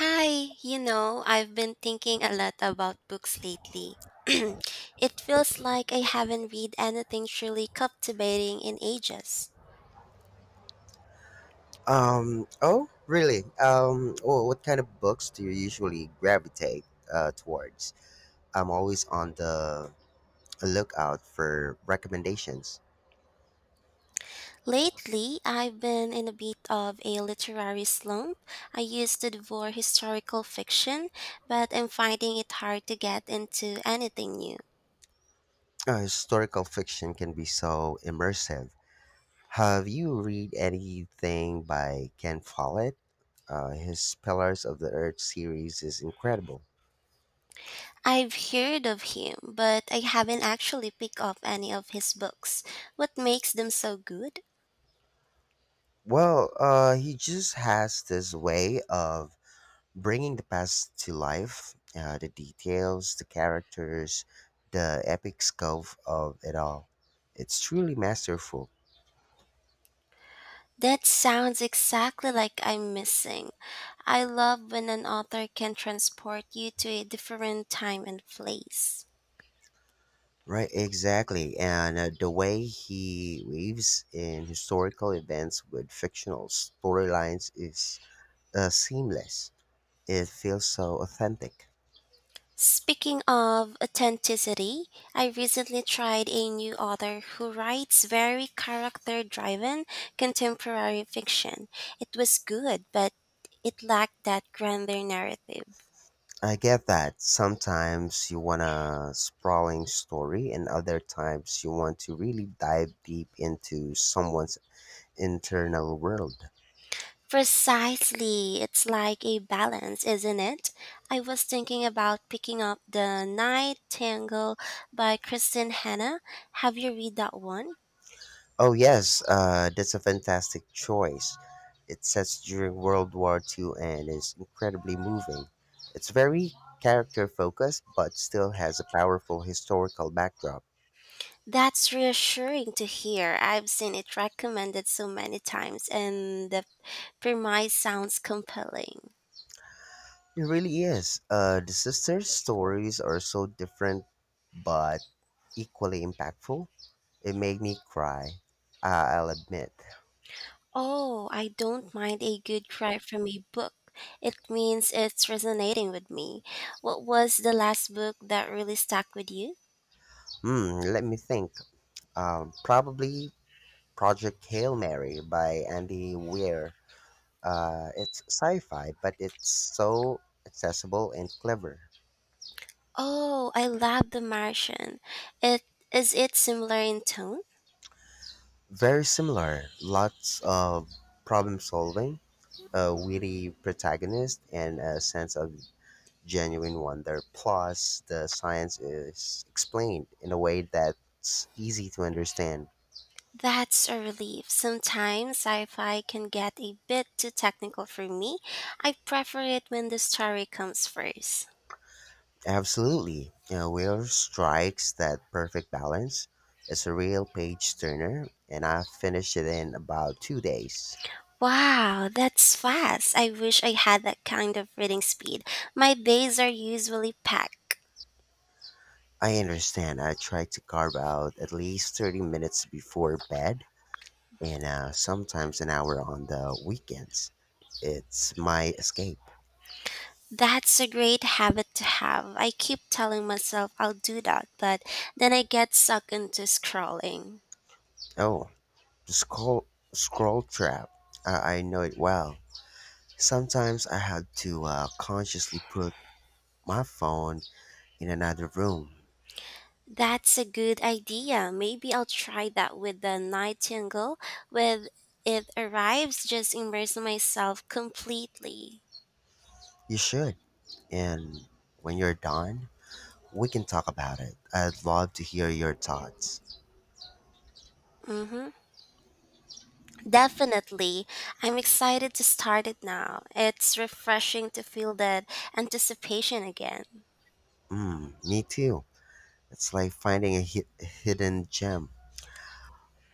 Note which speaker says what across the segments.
Speaker 1: Hi, you know, I've been thinking a lot about books lately. It feels like I haven't read anything truly captivating in ages.
Speaker 2: Oh, really? Well, what kind of books do you usually gravitate towards? I'm always on the lookout for recommendations.
Speaker 1: Lately, I've been in a bit of a literary slump. I used to devour historical fiction, but I'm finding it hard to get into anything new.
Speaker 2: Historical fiction can be so immersive. Have you read anything by Ken Follett? His Pillars of the Earth series is incredible.
Speaker 1: I've heard of him, but I haven't actually picked up any of his books. What makes them so good?
Speaker 2: Well, he just has this way of bringing the past to life, the details, the characters, the epic scope of it all. It's truly masterful.
Speaker 1: That sounds exactly like I'm missing. I love when an author can transport you to a different time and place.
Speaker 2: Right, exactly. And the way he weaves in historical events with fictional storylines is seamless. It feels so authentic.
Speaker 1: Speaking of authenticity, I recently tried a new author who writes very character driven contemporary fiction. It was good, but it lacked that grander narrative.
Speaker 2: I get that sometimes you want a sprawling story, and other times you want to really dive deep into someone's internal world.
Speaker 1: Precisely. It's like a balance, isn't it? I was thinking about picking up The Night Tangle by Kristen Hanna. Have you read that one?
Speaker 2: Oh, yes, that's a fantastic choice. It's set during World War Two and is incredibly moving. It's very character focused, but still has a powerful historical backdrop.
Speaker 1: That's reassuring to hear. I've seen it recommended so many times, and the premise sounds compelling.
Speaker 2: It really is. The sisters' stories are so different, but equally impactful. It made me cry, I'll admit.
Speaker 1: Oh, I don't mind a good cry from a book. It means it's resonating with me. What was the last book that really stuck with you?
Speaker 2: Hmm. Let me think. Probably Project Hail Mary by Andy Weir. It's sci-fi, but it's so accessible and clever.
Speaker 1: Oh, I love The Martian. It is it similar in tone?
Speaker 2: Very similar. Lots of problem solving, a witty protagonist, and a sense of genuine wonder. Plus, the science is explained in a way that's easy to understand.
Speaker 1: That's a relief. Sometimes sci-fi can get a bit too technical for me. I prefer it when the story comes first.
Speaker 2: Absolutely. Whale strikes that perfect balance. It's a real page turner, and I finished it in about 2 days.
Speaker 1: Wow, that's fast. I wish I had that kind of reading speed. My days are usually packed.
Speaker 2: I understand. I try to carve out at least 30 minutes before bed and sometimes an hour on the weekends. It's my escape.
Speaker 1: That's a great habit to have. I keep telling myself I'll do that, but then I get sucked into scrolling.
Speaker 2: Oh, the scroll trap. I know it well. Sometimes I have to consciously put my phone in another room.
Speaker 1: That's a good idea. Maybe I'll try that with the nightingale. When it arrives, just immerse myself completely.
Speaker 2: You should. And when you're done, we can talk about it. I'd love to hear your thoughts.
Speaker 1: Hmm. Definitely. I'm excited to start it now. It's refreshing to feel that anticipation again.
Speaker 2: Mm, me too. It's like finding a hidden gem.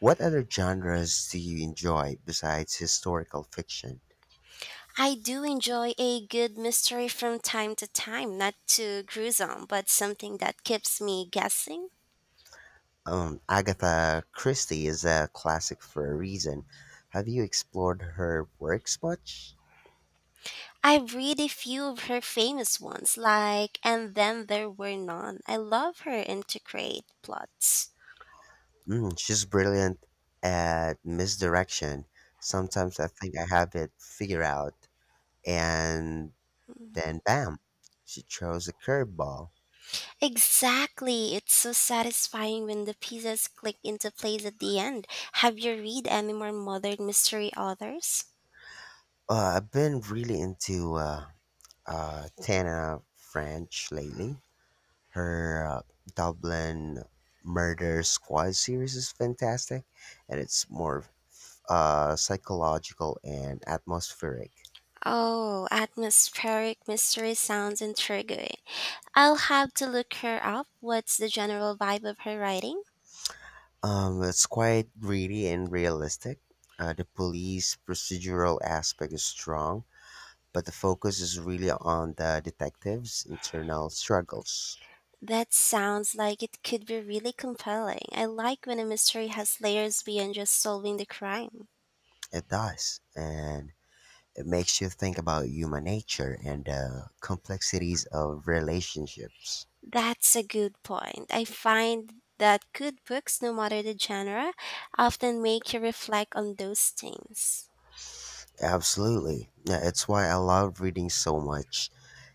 Speaker 2: What other genres do you enjoy besides historical fiction?
Speaker 1: I do enjoy a good mystery from time to time, not too gruesome, but something that keeps me guessing.
Speaker 2: Agatha Christie is a classic for a reason. Have you explored her works much?
Speaker 1: I've read a few of her famous ones, like And Then There Were None. I love her intricate plots.
Speaker 2: Mm, she's brilliant at misdirection. Sometimes I think I have it figured out, and then bam, she throws a curveball.
Speaker 1: Exactly. It's so satisfying when the pieces click into place at the end. Have you read any more modern mystery authors?
Speaker 2: I've been really into Tana French lately. Her Dublin Murder Squad series is fantastic, and it's more psychological and atmospheric.
Speaker 1: Oh, atmospheric mystery sounds intriguing. I'll have to look her up. What's the general vibe of her writing?
Speaker 2: It's quite gritty and realistic. The police procedural aspect is strong, but the focus is really on the detective's internal struggles.
Speaker 1: That sounds like it could be really compelling. I like when a mystery has layers beyond just solving the crime.
Speaker 2: It does, and it makes you think about human nature and the complexities of relationships.
Speaker 1: That's a good point. I find that good books, no matter the genre, often make you reflect on those things.
Speaker 2: Absolutely. Yeah, it's why I love reading so much.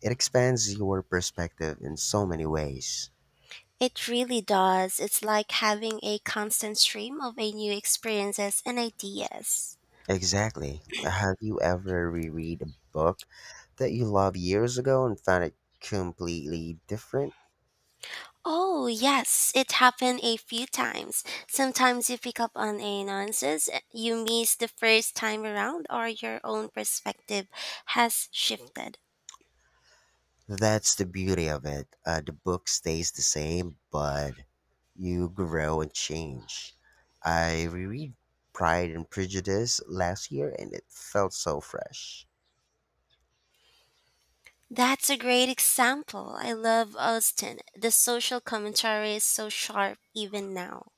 Speaker 2: It expands your perspective in so many ways.
Speaker 1: It really does. It's like having a constant stream of a new experiences and ideas.
Speaker 2: Exactly. Have you ever reread a book that you loved years ago and found it completely different?
Speaker 1: Oh, yes, it happened a few times. Sometimes you pick up on a nuances you missed the first time around or your own perspective has shifted.
Speaker 2: That's the beauty of it. The book stays the same, but you grow and change. I reread Pride and Prejudice last year and it felt so fresh.
Speaker 1: That's a great example. I love Austen. The social commentary is so sharp even now.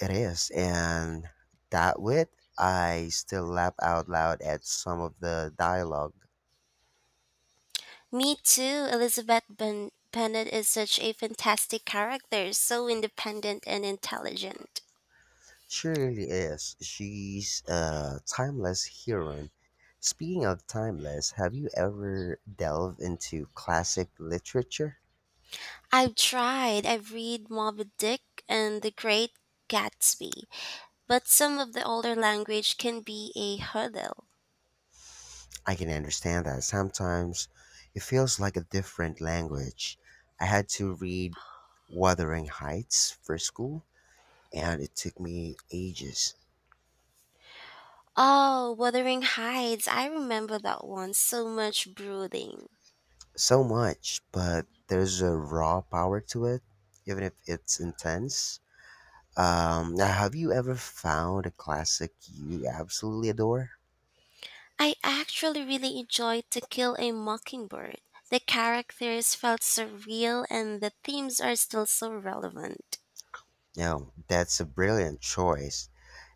Speaker 2: It is, and that wit, I still laugh out loud at some of the dialogue.
Speaker 1: Me too. Bennet is such a fantastic character, so independent and intelligent.
Speaker 2: She really is. She's a timeless heroine. Speaking of timeless, have you ever delved into classic literature?
Speaker 1: I've tried. I've read Moby Dick and The Great Gatsby, but some of the older language can be a hurdle.
Speaker 2: I can understand that sometimes it feels like a different language. I had to read Wuthering Heights for school, and it took me ages.
Speaker 1: Oh, Wuthering Heights. I remember that one. So much brooding.
Speaker 2: So much, but there's a raw power to it, even if it's intense. Now, have you ever found a classic you absolutely adore?
Speaker 1: I actually really enjoyed To Kill a Mockingbird. The characters felt so real and the themes are still so relevant.
Speaker 2: No, that's a brilliant choice.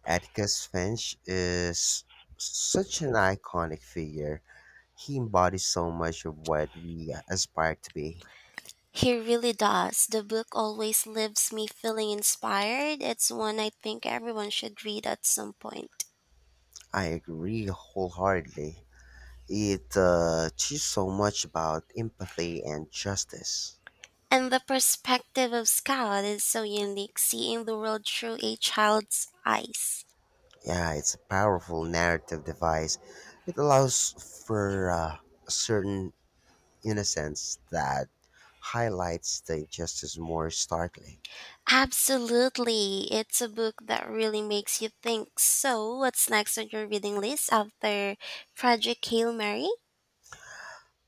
Speaker 2: Atticus Finch is such an iconic figure. He embodies so much of what we aspire to be.
Speaker 1: He really does. The book always leaves me feeling inspired. It's one I think everyone should read at some point.
Speaker 2: I agree wholeheartedly. It teaches so much about empathy and justice.
Speaker 1: And the perspective of Scout is so unique, seeing the world through a child's eyes.
Speaker 2: Yeah, it's a powerful narrative device. It allows for a certain innocence that highlights the injustice more starkly.
Speaker 1: Absolutely. It's a book that really makes you think. So, what's next on your reading list after Project Hail Mary?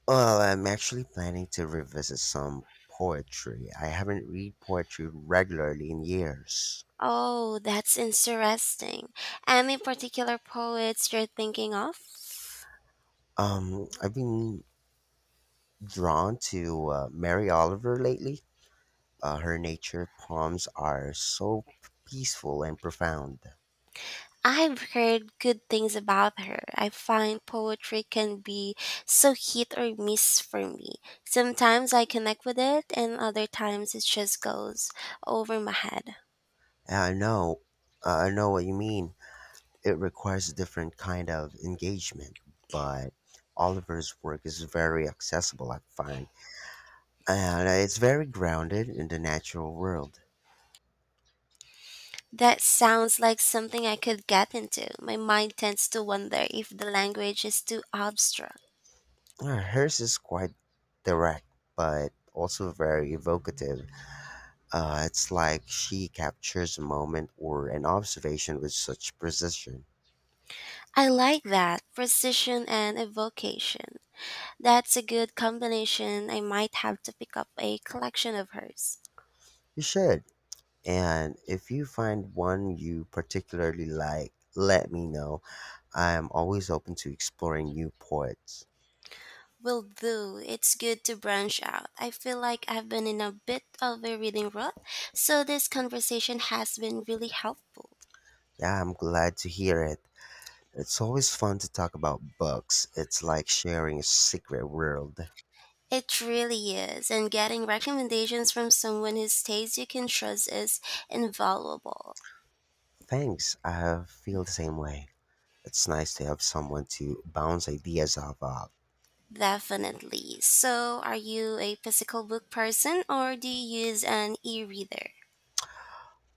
Speaker 2: Well, I'm actually planning to revisit some poetry. I haven't read poetry regularly in years.
Speaker 1: Oh, that's interesting. Any particular poets you're thinking of?
Speaker 2: I've been drawn to Mary Oliver lately. Her nature poems are so peaceful and profound.
Speaker 1: I've heard good things about her. I find poetry can be so hit or miss for me. Sometimes I connect with it, and other times it just goes over my head.
Speaker 2: Yeah, I know what you mean. It requires a different kind of engagement, but Oliver's work is very accessible, I find, and it's very grounded in the natural world.
Speaker 1: That sounds like something I could get into. My mind tends to wonder if the language is too abstract.
Speaker 2: Hers is quite direct, but also very evocative. It's like she captures a moment or an observation with such precision.
Speaker 1: I like that precision and evocation. That's a good combination. I might have to pick up a collection of hers.
Speaker 2: You should. And if you find one you particularly like, let me know. I am always open to exploring new poets.
Speaker 1: Will do. It's good to branch out. I feel like I've been in a bit of a reading rut, so this conversation has been really helpful.
Speaker 2: Yeah, I'm glad to hear it. It's always fun to talk about books. It's like sharing a secret world.
Speaker 1: It really is, and getting recommendations from someone whose taste you can trust is invaluable.
Speaker 2: Thanks, I feel the same way. It's nice to have someone to bounce ideas off of.
Speaker 1: Definitely. So, are you a physical book person or do you use an e reader?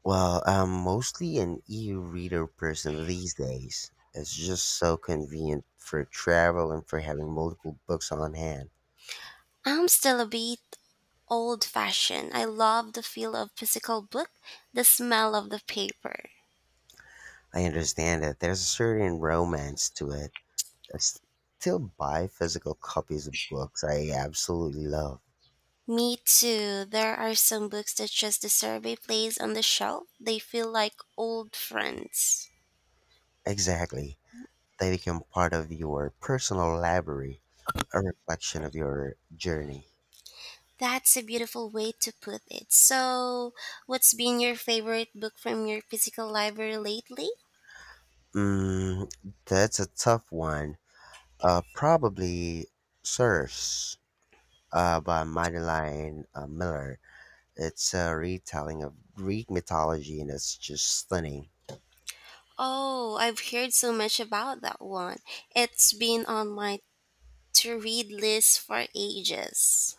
Speaker 2: Well, I'm mostly an e-reader person these days. It's just so convenient for travel and for having multiple books on hand.
Speaker 1: I'm still a bit old fashioned. I love the feel of physical book, the smell of the paper.
Speaker 2: I understand that there's a certain romance to it. I still buy physical copies of books I absolutely love.
Speaker 1: Me too. There are some books that just deserve a place on the shelf. They feel like old friends.
Speaker 2: Exactly. They become part of your personal library, a reflection of your journey.
Speaker 1: That's a beautiful way to put it. So, what's been your favorite book from your physical library lately?
Speaker 2: Mm, that's a tough one. Probably Sirs, by Madeline Miller. It's a retelling of Greek mythology and it's just stunning.
Speaker 1: Oh, I've heard so much about that one. It's been on my to read list for ages.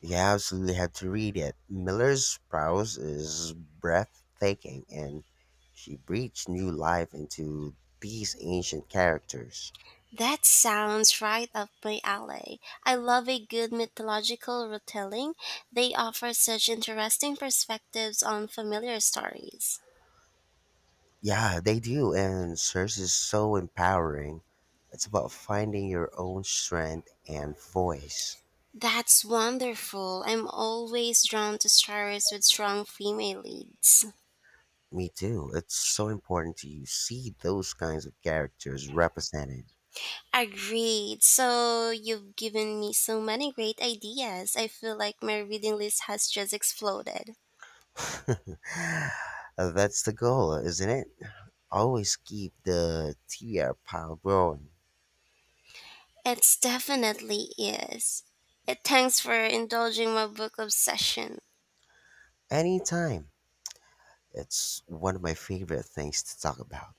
Speaker 2: You absolutely have to read it. Miller's prose is breathtaking and she breathes new life into these ancient characters.
Speaker 1: That sounds right up my alley. I love a good mythological retelling. They offer such interesting perspectives on familiar stories.
Speaker 2: Yeah, they do, and Cersei is so empowering. It's about finding your own strength and voice.
Speaker 1: That's wonderful. I'm always drawn to stories with strong female leads.
Speaker 2: Me too. It's so important to you see those kinds of characters represented.
Speaker 1: Agreed. So, you've given me so many great ideas. I feel like my reading list has just exploded.
Speaker 2: That's the goal, isn't it? Always keep the TBR pile growing.
Speaker 1: It definitely is. It thanks for indulging my book obsession.
Speaker 2: Anytime. It's one of my favorite things to talk about.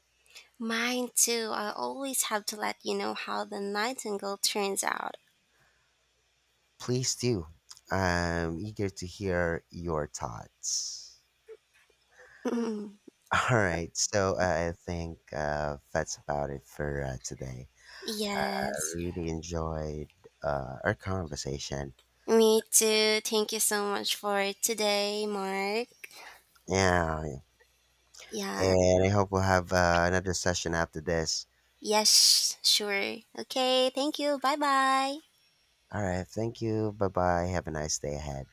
Speaker 1: Mine too. I always have to let you know how the nightingale turns out.
Speaker 2: Please do. I'm eager to hear your thoughts. All right, so I think that's about it for today. I
Speaker 1: Yes.
Speaker 2: really enjoyed our conversation.
Speaker 1: Me too. Thank you so much for today, Mark.
Speaker 2: Yeah,
Speaker 1: Yeah.
Speaker 2: and I hope we'll have another session after this.
Speaker 1: Yes, sure. Okay. Thank you. Bye bye.
Speaker 2: All right. Thank you. Bye bye. Have a nice day ahead.